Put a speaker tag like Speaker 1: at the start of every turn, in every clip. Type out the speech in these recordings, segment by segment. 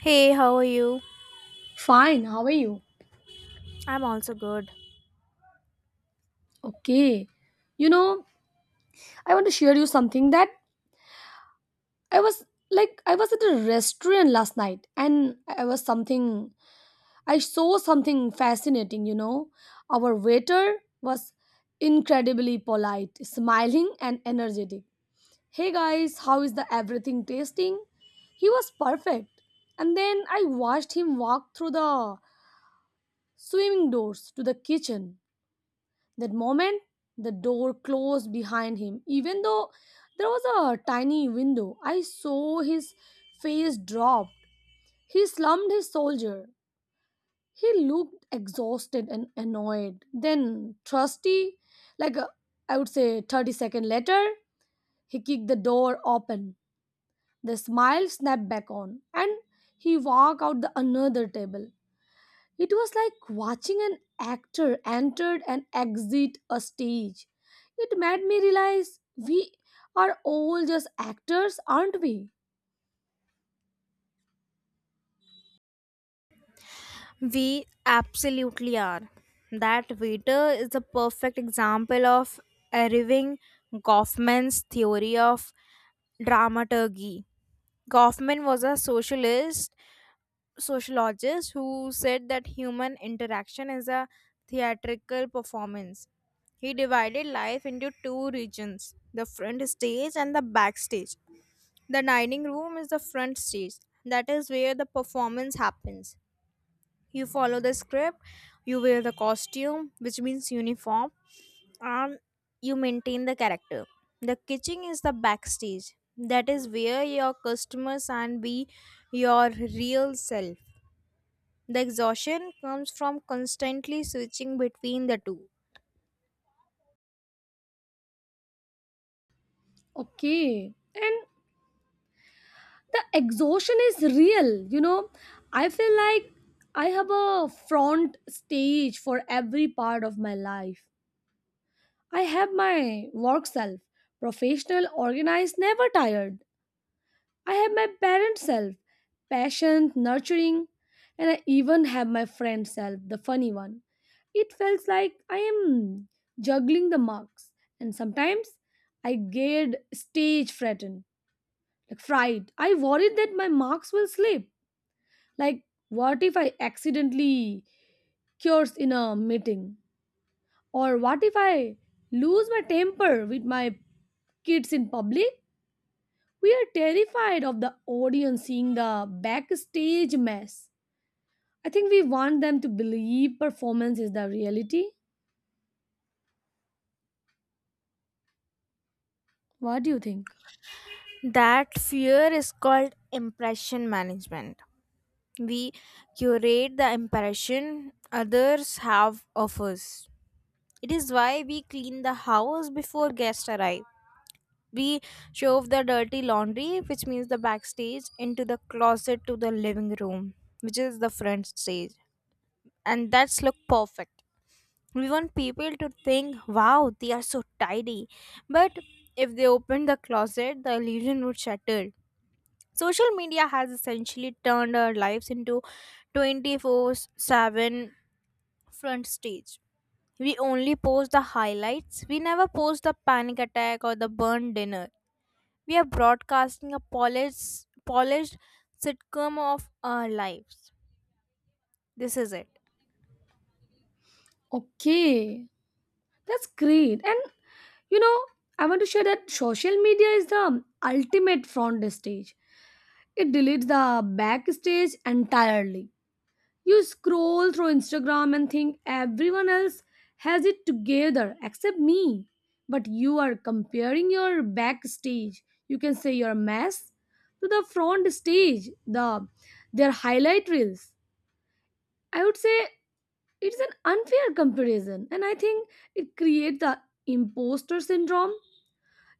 Speaker 1: Hey, how are you?
Speaker 2: Fine, how are you?
Speaker 1: I'm also good.
Speaker 2: Okay. You know, I want to share you something that I was at a restaurant last night, and I saw something fascinating, you know. Our waiter was incredibly polite, smiling and energetic. Hey guys, how is the everything tasting? He was perfect. And then I watched him walk through the swimming doors to the kitchen. That moment, the door closed behind him. Even though there was a tiny window, I saw his face dropped. He slumped his soldier. He looked exhausted and annoyed. Then, trusty, like a, I would say 30 seconds later, he kicked the door open. The smile snapped back on, and he walked out the another table. It was like watching an actor enter and exit a stage. It made me realize we are all just actors, aren't we?
Speaker 1: We absolutely are. That waiter is the perfect example of Irving Goffman's theory of dramaturgy. Goffman was a socialist sociologist who said that human interaction is a theatrical performance. He divided life into two regions, the front stage and the backstage. The dining room is the front stage. That is where the performance happens. You follow the script, you wear the costume, which means uniform, and you maintain the character. The kitchen is the backstage. That is where your customers and be your real self. The exhaustion comes from constantly switching between the two.
Speaker 2: Okay. And the exhaustion is real, you know. I feel like I have a front stage for every part of my life. I have my work self, professional, organized, never tired. I have my parent self, patient, nurturing, and I even have my friend self, the funny one. It felt like I am juggling the marks, and sometimes I get stage frightened, like fright. I worried that my marks will slip. Like, what if I accidentally curse in a meeting? Or what if I lose my temper with my kids in public? We are terrified of the audience seeing the backstage mess. I think we want them to believe performance is the reality. What do you think?
Speaker 1: That fear is called impression management. We curate the impression others have of us. It is why we clean the house before guests arrive. We shove the dirty laundry, which means the backstage, into the closet to the living room, which is the front stage. And that's look perfect. We want people to think, wow, they are so tidy. But if they opened the closet, the illusion would shatter. Social media has essentially turned our lives into 24/7 front stage. We only post the highlights. We never post the panic attack or the burnt dinner. We are broadcasting a polished sitcom of our lives. This is it.
Speaker 2: Okay, that's great. And you know, I want to share that social media is the ultimate front stage. It deletes the backstage entirely. You scroll through Instagram and think everyone else has it together except me. But you are comparing your backstage, you can say your mess, to the front stage, the their highlight reels. I would say it's an unfair comparison, and I think it creates the imposter syndrome.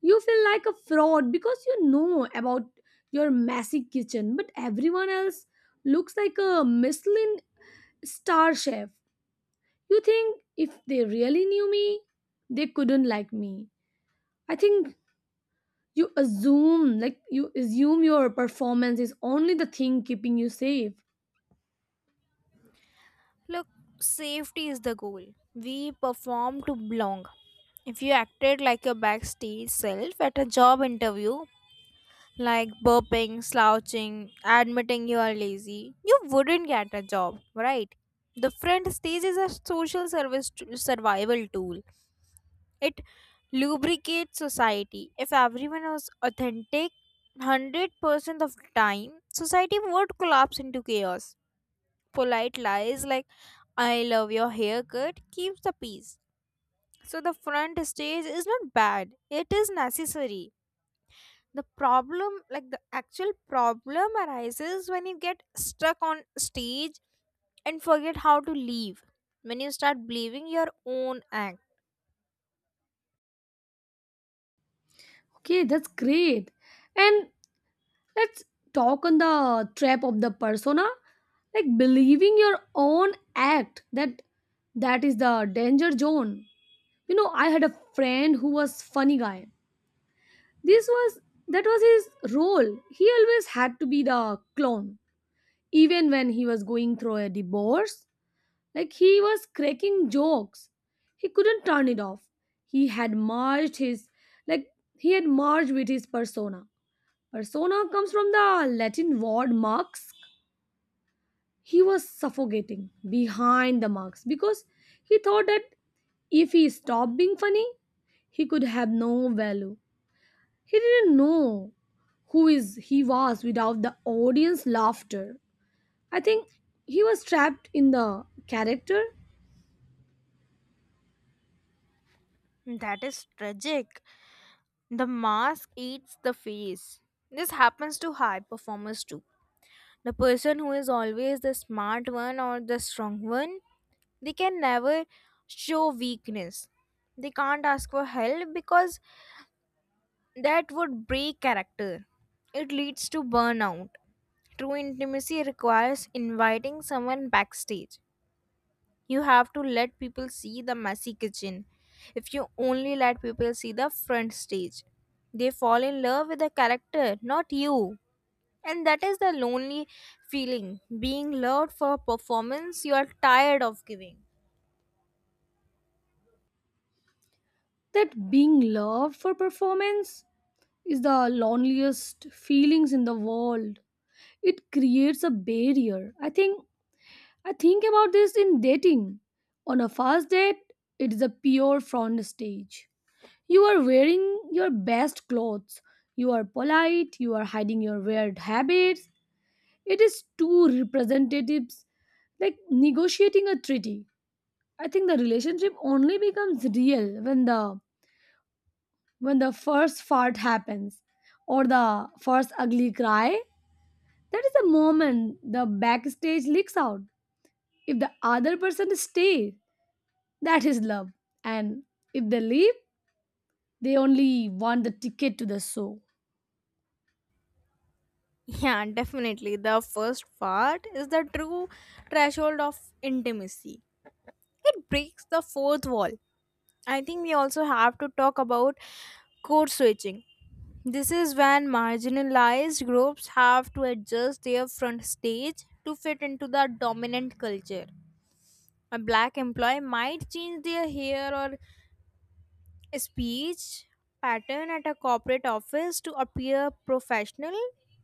Speaker 2: You feel like a fraud because you know about your messy kitchen, but everyone else looks like a Michelin star chef. You think if they really knew me, they couldn't like me. I think you assume, like, you assume your performance is only the thing keeping you safe.
Speaker 1: Look, safety is the goal. We perform to belong. If you acted like your backstage self at a job interview, like burping, slouching, admitting you are lazy, you wouldn't get a job, right? The front stage is a survival tool. It lubricates society. If everyone was authentic 100% of the time, society would collapse into chaos. Polite lies like I love your haircut keeps the peace. So the front stage is not bad, it is necessary. The problem, like the actual problem, arises when you get stuck on stage and forget how to leave, when you start believing your own act.
Speaker 2: Okay, that's great. And let's talk on the trap of the persona, like believing your own act, that is the danger zone. You know, I had a friend who was funny guy. This was that was his role. He always had to be the clown even when he was going through a divorce. Like he was cracking jokes. He couldn't turn it off. He had merged his like he had merged with his persona. Persona comes from the Latin word mask. He was suffocating behind the mask because he thought that if he stopped being funny, he could have no value. He didn't know who is he was without the audience laughter. I think he was trapped in the character,
Speaker 1: That is tragic. The mask eats the face. This happens to high performers too. The person who is always the smart one or the strong one, they can never show weakness. They can't ask for help because that would break character. It leads to burnout. True intimacy requires inviting someone backstage. You have to let people see the messy kitchen. If you only let people see the front stage, they fall in love with the character, not you. And that is the lonely feeling, being loved for a performance you are tired of giving.
Speaker 2: that being loved for performance is the loneliest feelings in the world. It creates a barrier. I think about this in dating. On a first date, it is a pure front stage. You are wearing your best clothes. You are polite, you are hiding your weird habits. It is two representatives like negotiating a treaty. I think the relationship only becomes real when the first fart happens, or the first ugly cry. That is the moment the backstage leaks out. If the other person stays, that is love. And if they leave, they only want the ticket to the show.
Speaker 1: Yeah, definitely. The first part is the true threshold of intimacy. It breaks the fourth wall. I think we also have to talk about code switching. This is when marginalized groups have to adjust their front stage to fit into the dominant culture. A black employee might change their hair or speech pattern at a corporate office to appear professional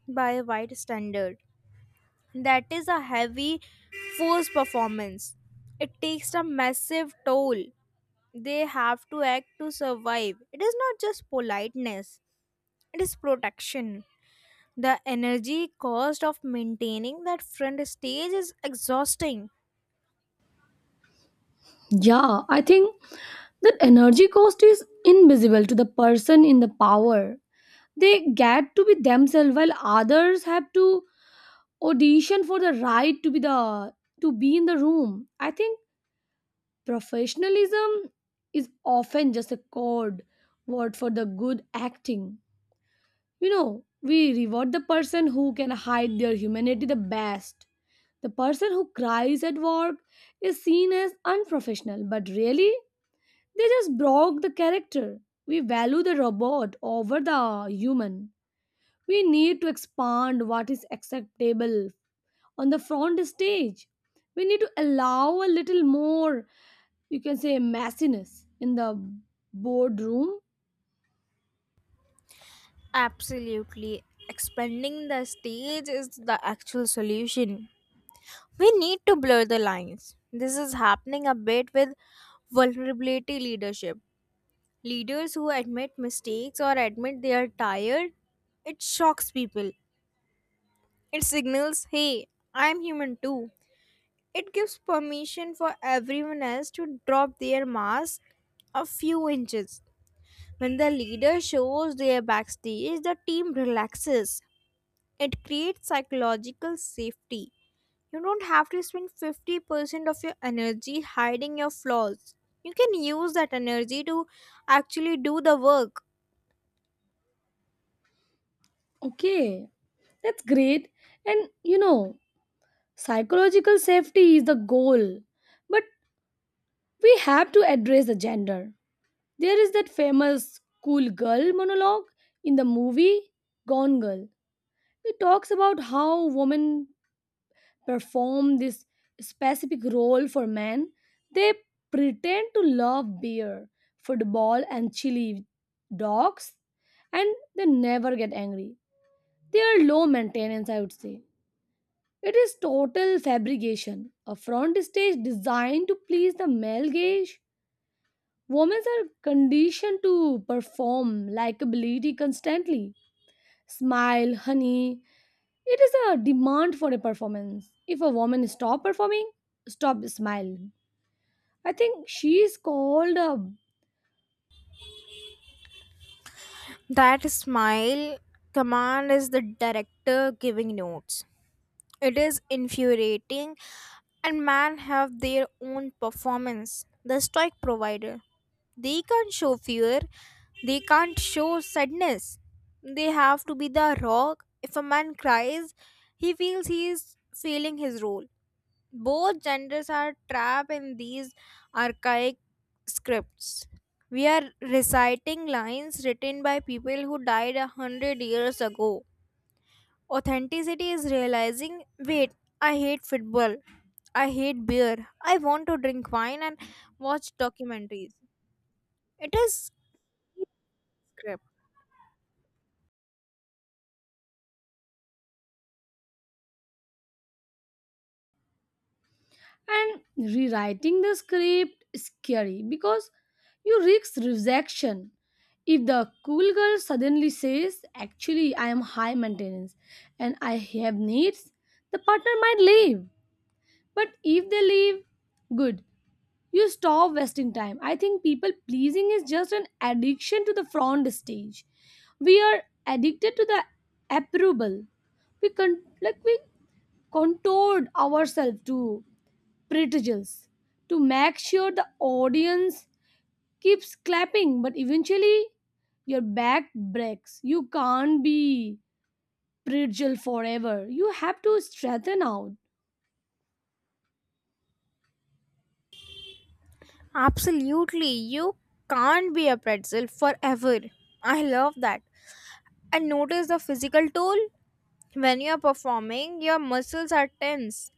Speaker 1: by a white standard. That is a heavy forced performance. It takes a massive toll. They have to act to survive. It is not just politeness, it is protection. The energy cost of maintaining that front stage is exhausting.
Speaker 2: Yeah, I think that energy cost is invisible to the person in the power. They get to be themselves while others have to audition for the right to be in the room. I think professionalism is often just a code word for the good acting. You know, we reward the person who can hide their humanity the best. The person who cries at work is seen as unprofessional, but really they just broke the character. We value the robot over the human. We need to expand what is acceptable on the front stage. We need to allow a little more, you can say, messiness in the boardroom.
Speaker 1: Absolutely. Expanding the stage is the actual solution. We need to blur the lines. This is happening a bit with vulnerability leadership. Leaders who admit mistakes or admit they are tired, it shocks people. It signals, hey, I'm human too. It gives permission for everyone else to drop their mask a few inches. When the leader shows their backstage, the team relaxes. It creates psychological safety. You don't have to spend 50% of your energy hiding your flaws. You can use that energy to actually do the work.
Speaker 2: Okay, that's great. And you know, psychological safety is the goal. But we have to address the gender. There is that famous cool girl monologue in the movie Gone Girl. It talks about how women perform this specific role for men. They pretend to love beer, football, and chili dogs, and they never get angry. They are low maintenance, I would say. It is total fabrication, a front stage designed to please the male gaze. Women are conditioned to perform likability constantly, smile, honey. It is a demand for a performance. If a woman stop performing, stop smiling. I think she is called up,
Speaker 1: That smile command is the director giving notes. It is infuriating, and men have their own performance. The stoic provider. They can't show fear, they can't show sadness. They have to be the rock. If a man cries, he feels he is failing his role. Both genders are trapped in these archaic scripts. We are reciting lines written by people who died 100 years ago. Authenticity is realizing, wait, I hate football. I hate beer. I want to drink wine and watch documentaries. It is script.
Speaker 2: and rewriting the script is scary because you risk rejection. If the cool girl suddenly says, actually I am high maintenance and I have needs, the partner might leave. But if they leave, good. You stop wasting time. I think people pleasing is just an addiction to the front stage. We are addicted to the approval. We contoured ourselves to pretzels to make sure the audience keeps clapping, but eventually your back breaks. You can't be pretzel forever. You have to straighten out.
Speaker 1: Absolutely. You can't be a pretzel forever. I love that. And notice the physical toll. When you are performing, your muscles are tense,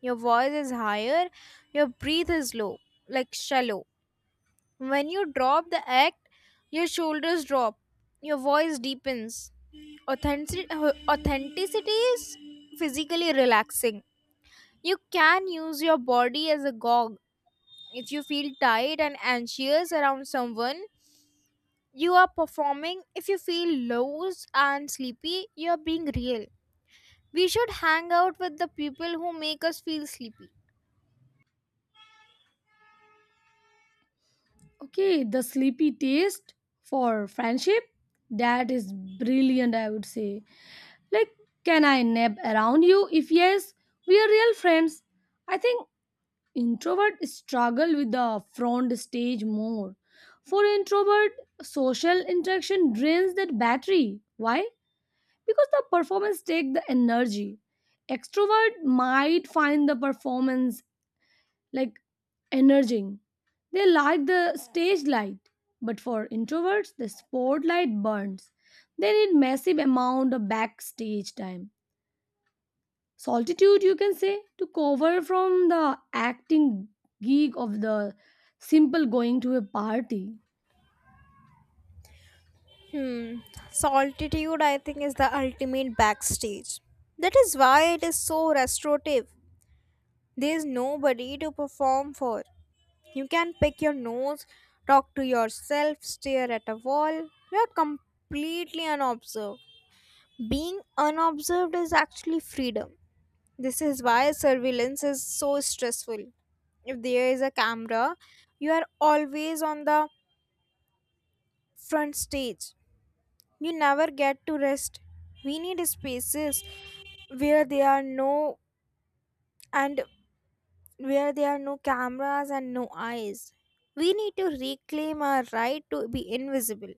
Speaker 1: your voice is higher, your breath is low, like shallow. When you drop the act, your shoulders drop, your voice deepens. Authentic- Authenticity is physically relaxing. You can use your body as a gog. If you feel tired and anxious around someone, you are performing. If you feel loose and sleepy, you are being real. We should hang out with the people who make us feel sleepy.
Speaker 2: Okay, the sleepy taste for friendship. That is brilliant, I would say. Like, can I nap around you? If yes, we are real friends. I think introvert struggle with the front stage more. For introvert, social interaction drains that battery. Why? Because the performance take the energy. Extrovert might find the performance like energizing. They like the stage light, but for introverts, the spotlight burns. They need massive amount of backstage time. Solitude, you can say, to cover from the acting gig of the simple going to a party.
Speaker 1: Hmm. Solitude, I think, is the ultimate backstage. That is why it is so restorative. There is nobody to perform for. You can pick your nose, talk to yourself, stare at a wall. You are completely unobserved. Being unobserved is actually freedom. This is why surveillance is so stressful. If there is a camera, you are always on the front stage. You never get to rest. We need spaces where there are no and where there are no cameras and no eyes. We need to reclaim our right to be invisible.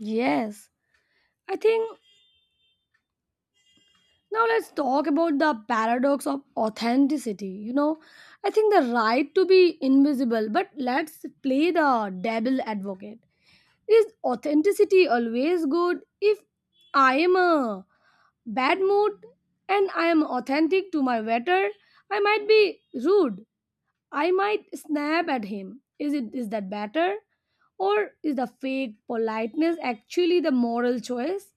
Speaker 2: Yes, I think now let's talk about the paradox of authenticity. You know, I think the right to be invisible, but let's play the devil advocate. Is authenticity always good? If I am a bad mood and I am authentic to my waiter, I might be rude. I might snap at him. Is that better? Or is the fake politeness actually the moral choice?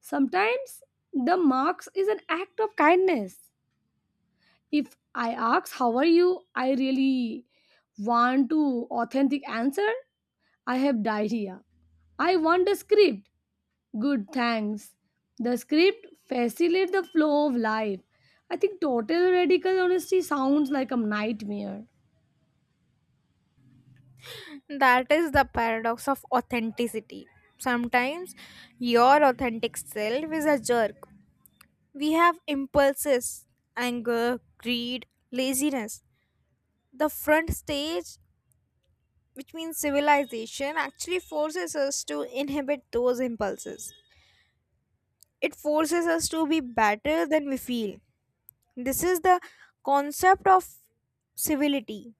Speaker 2: Sometimes the marks is an act of kindness. If I ask how are you, I really want to authentic answer. I have diarrhea. I want a script. Good, thanks. The script facilitates the flow of life. I think total radical honesty sounds like a nightmare.
Speaker 1: That is the paradox of authenticity. Sometimes your authentic self is a jerk. We have impulses, anger, greed, laziness. The front stage, which means civilization, actually forces us to inhibit those impulses. It forces us to be better than we feel. This is the concept of civility.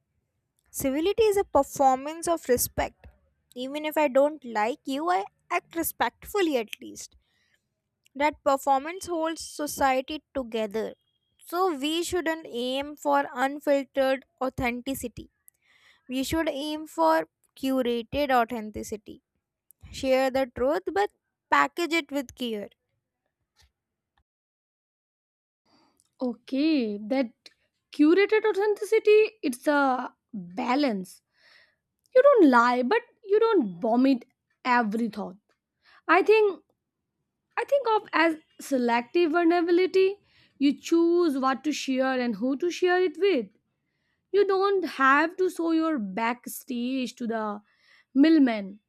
Speaker 1: Civility is a performance of respect. Even if I don't like you, I act respectfully at least. That performance holds society together. So we shouldn't aim for unfiltered authenticity. We should aim for curated authenticity. Share the truth but package it with care.
Speaker 2: Okay, that curated authenticity, it's a balance. You don't lie, but you don't vomit every thought. I think I think of as selective vulnerability. You choose what to share and who to share it with. You don't have to show your backstage to the middleman.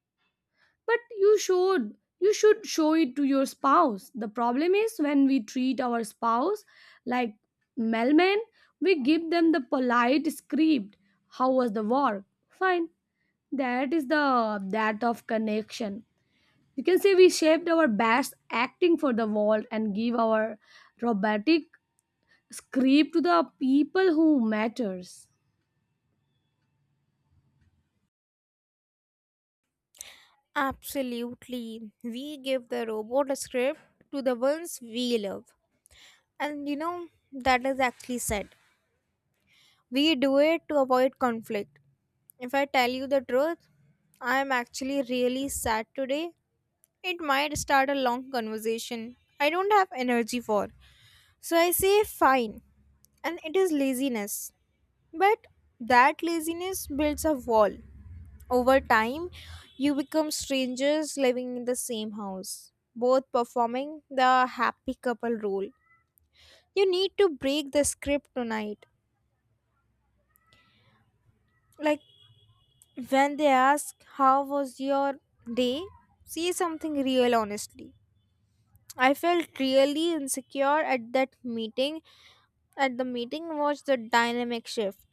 Speaker 2: But you should show it to your spouse. The problem is when we treat our spouse like mailmen, we give them the polite script. How was the work? Fine. That is the that of connection. You can say we shaped our best acting for the world and give our robotic script to the people who matters.
Speaker 1: Absolutely. We give the robot a script to the ones we love. And you know that is actually said. We do it to avoid conflict. If I tell you the truth, I am actually really sad today. It might start a long conversation I don't have energy for. So I say fine. And it is laziness. But that laziness builds a wall. Over time, you become strangers living in the same house, both performing the happy couple role. You need to break the script tonight. Like when they ask, how was your day? Say something real, honestly. I felt really insecure at that meeting. At the meeting, was the dynamic shift.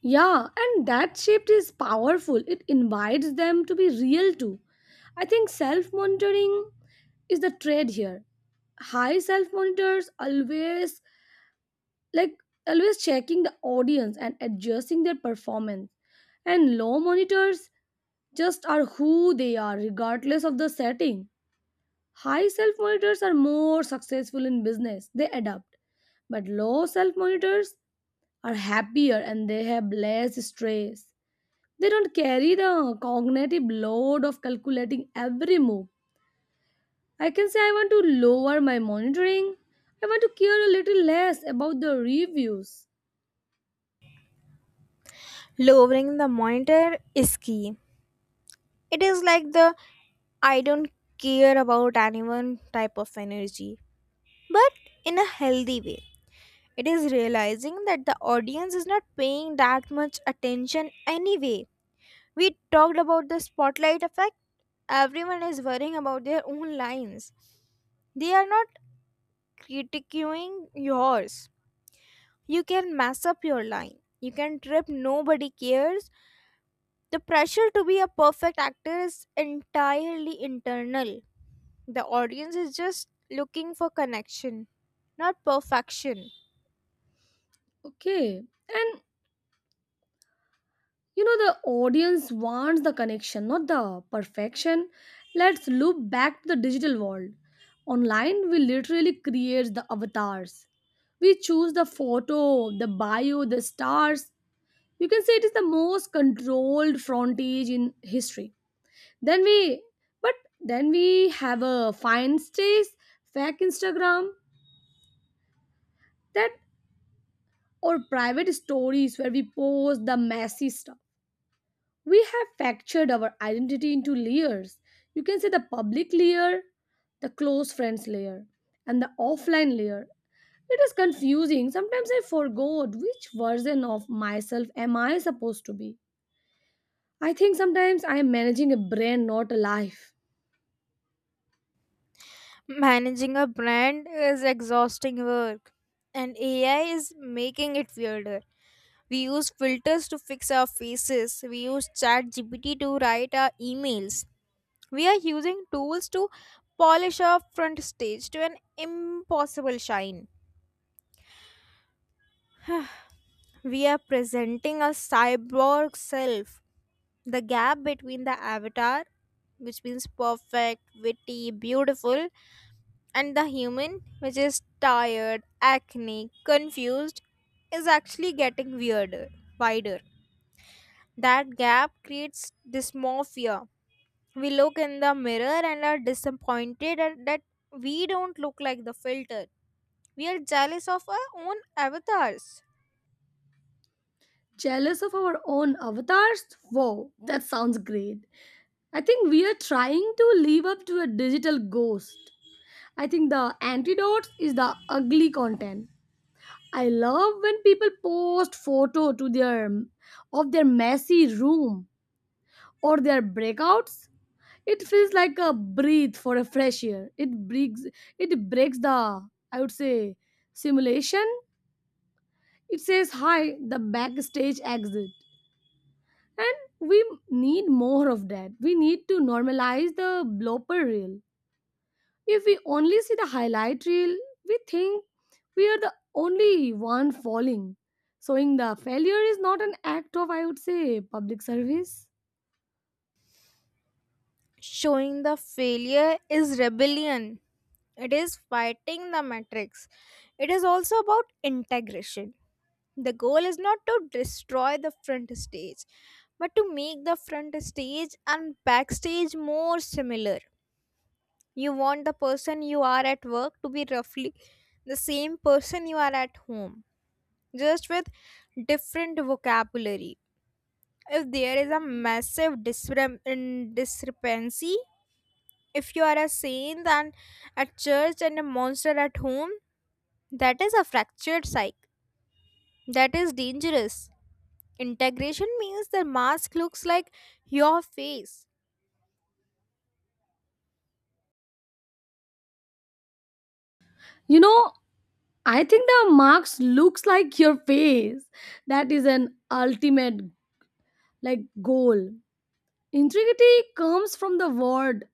Speaker 2: Yeah, and that shift is powerful. It invites them to be real too. I think self monitoring is the trade here. High self monitors always like always checking the audience and adjusting their performance. And low monitors just are who they are regardless of the setting. High self monitors are more successful in business. They adapt. But low self monitors are happier and they have less stress. They don't carry the cognitive load of calculating every move. I can say I want to lower my monitoring. I want to care a little less about the reviews.
Speaker 1: Lowering the monitor is key. It is like the I don't care about anyone type of energy, but in a healthy way. It is realizing that the audience is not paying that much attention anyway. We talked about the spotlight effect. Everyone is worrying about their own lines. They are not critiquing yours. You can mess up your line. You can trip, nobody cares. The pressure to be a perfect actor is entirely internal. The audience is just looking for connection, not perfection.
Speaker 2: Okay. And you know, the audience wants the connection, not the perfection. Let's loop back to the digital world. Online, we literally create the avatars. We choose the photo, the bio, the stars. You can say it is the most controlled frontage in history. Then we, but then we have a fine stays, fake Instagram, that or private stories where we post the messy stuff. We have fractured our identity into layers. You can say the public layer, the close friends layer, and the offline layer. It is confusing. Sometimes I forgot which version of myself am I supposed to be. I think sometimes I am managing a brand, not a life.
Speaker 1: Managing a brand is exhausting work, and AI is making it weirder. We use filters to fix our faces, we use ChatGPT to write our emails. We are using tools to polish our front stage to an impossible shine. We are presenting a cyborg self. The gap between the avatar, which means perfect, witty, beautiful, and the human, which is tired, acne, confused, is actually getting weirder, wider. That gap creates dysmorphia. We look in the mirror and are disappointed that we don't look like the filter. We are jealous of our own avatars.
Speaker 2: Jealous of our own avatars? Wow, that sounds great. I think we are trying to live up to a digital ghost. I think the antidote is the ugly content. I love when people post photo to their of their messy room or their breakouts. It feels like a breathe for a fresh air. It breaks the I would say simulation. It says hi the backstage exit. And we need more of that. We need to normalize the blooper reel. If we only see the highlight reel, we think we are the only one falling. Showing the failure is not an act of, I would say, public service.
Speaker 1: Showing the failure is rebellion. It is fighting the matrix. It is also about integration. The goal is not to destroy the front stage, but to make the front stage and backstage more similar. You want the person you are at work to be roughly the same person you are at home, just with different vocabulary. If there is a massive discrepancy, if you are a saint and at church and a monster at home, that is a fractured psyche. That is dangerous. Integration means the mask looks like your face.
Speaker 2: You know, I think the marks looks like your face. That is an ultimate like goal. Integrity comes from the word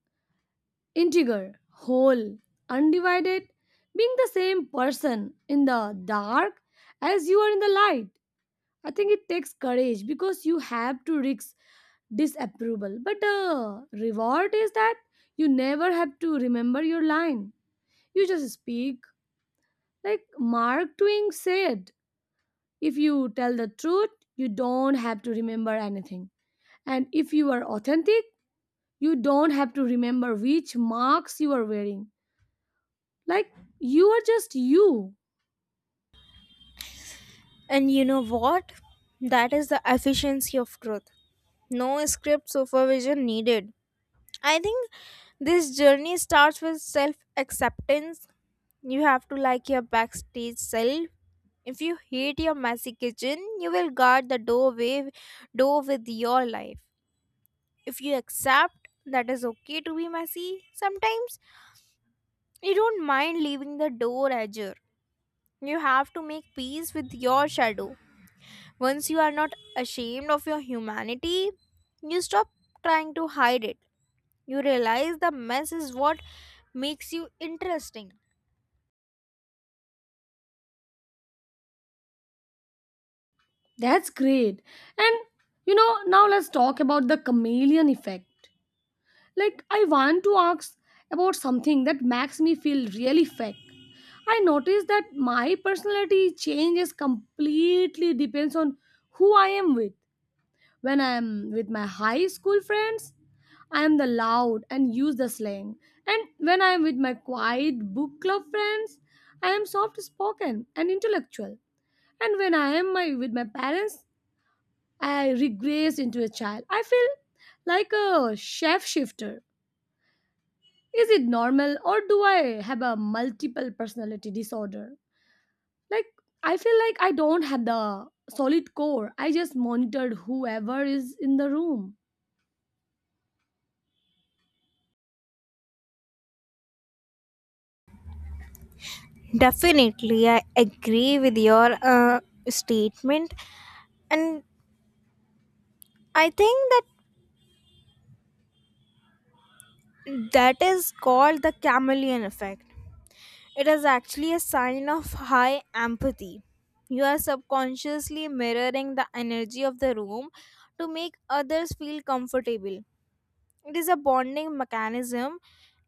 Speaker 2: Integer, whole, undivided, being the same person in the dark as you are in the light. I think it takes courage because you have to risk disapproval. But the reward is that you never have to remember your line. You just speak. Like Mark Twain said, if you tell the truth, you don't have to remember anything. And if you are authentic, you don't have to remember which marks you are wearing, like you are just you.
Speaker 1: And you know what? That is the efficiency of truth. No script supervision needed. I think this journey starts with self acceptance. You have to like your backstage self. If you hate your messy kitchen, you will guard the doorway door with your life. If you accept that is okay to be messy, sometimes you don't mind leaving the door ajar. You have to make peace with your shadow. Once you are not ashamed of your humanity, you stop trying to hide it. You realize the mess is what makes you interesting.
Speaker 2: That's great. And you know, now let's talk about the chameleon effect. Like, I want to ask about something that makes me feel really fake. I notice that my personality changes completely depends on who I am with. When I am with my high school friends, I am the loud and use the slang. And when I am with my quiet book club friends, I am soft spoken and intellectual. And when with my parents, I regress into a child. I feel like a chef shifter. Is it normal, or do I have a multiple personality disorder? Like, I feel like I don't have the solid core. I just monitored whoever is in the room.
Speaker 1: Definitely, I agree with your statement, and I think that is called the chameleon effect. It is actually a sign of high empathy. You are subconsciously mirroring the energy of the room to make others feel comfortable. It is a bonding mechanism.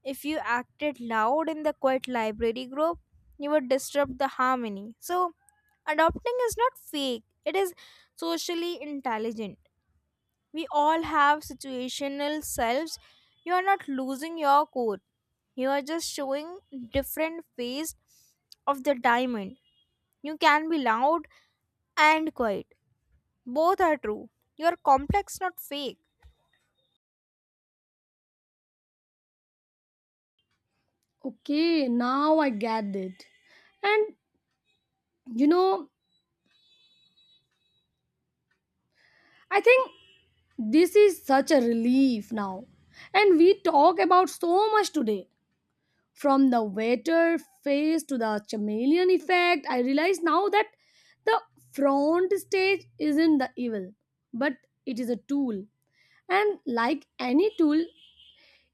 Speaker 1: If you acted loud in the quiet library group, you would disrupt the harmony. So, adopting is not fake, it is socially intelligent. We all have situational selves. You are not losing your core. You are just showing different phase of the diamond. You can be loud and quiet. Both are true. You are complex, not fake.
Speaker 2: Okay, now I get it. And you know, I think this is such a relief now. And we talk about so much today, from the waiter face to the chameleon effect. I realize now that the front stage isn't the evil, but it is a tool. And like any tool,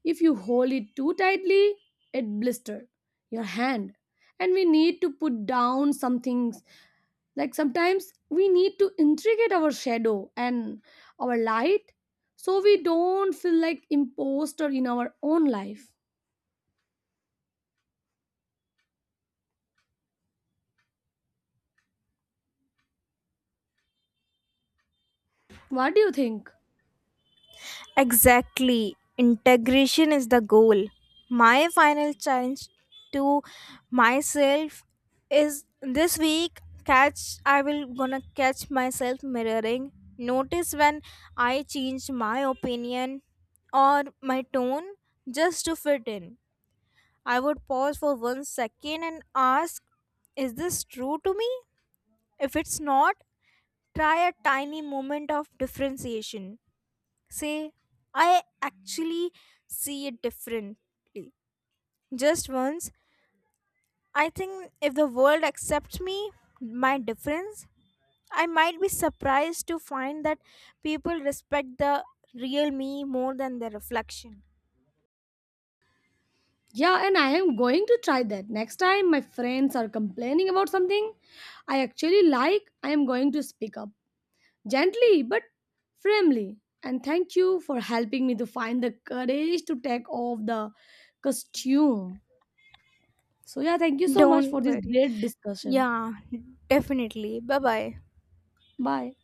Speaker 2: if you hold it too tightly, it blisters your hand. And we need to put down some things. Like sometimes we need to integrate our shadow and our light so we don't feel like imposter in our own life. What do you think?
Speaker 1: Exactly. Integration is the goal. My final challenge to myself is, this week, catch I will gonna catch myself mirroring. Notice when I change my opinion or my tone just to fit in. I would pause for 1 second and ask, is this true to me? If it's not, try a tiny moment of differentiation. Say I actually see it differently, just once. I think if the world accepts me, my difference, I might be surprised to find that people respect the real me more than the reflection.
Speaker 2: Yeah, and I am going to try that. Next time my friends are complaining about something I actually like, I am going to speak up gently but firmly. And thank you for helping me to find the courage to take off the costume. So, yeah, thank you so much
Speaker 1: Don't
Speaker 2: for this
Speaker 1: worry.
Speaker 2: great discussion.
Speaker 1: Yeah, definitely. Bye bye.
Speaker 2: Bye.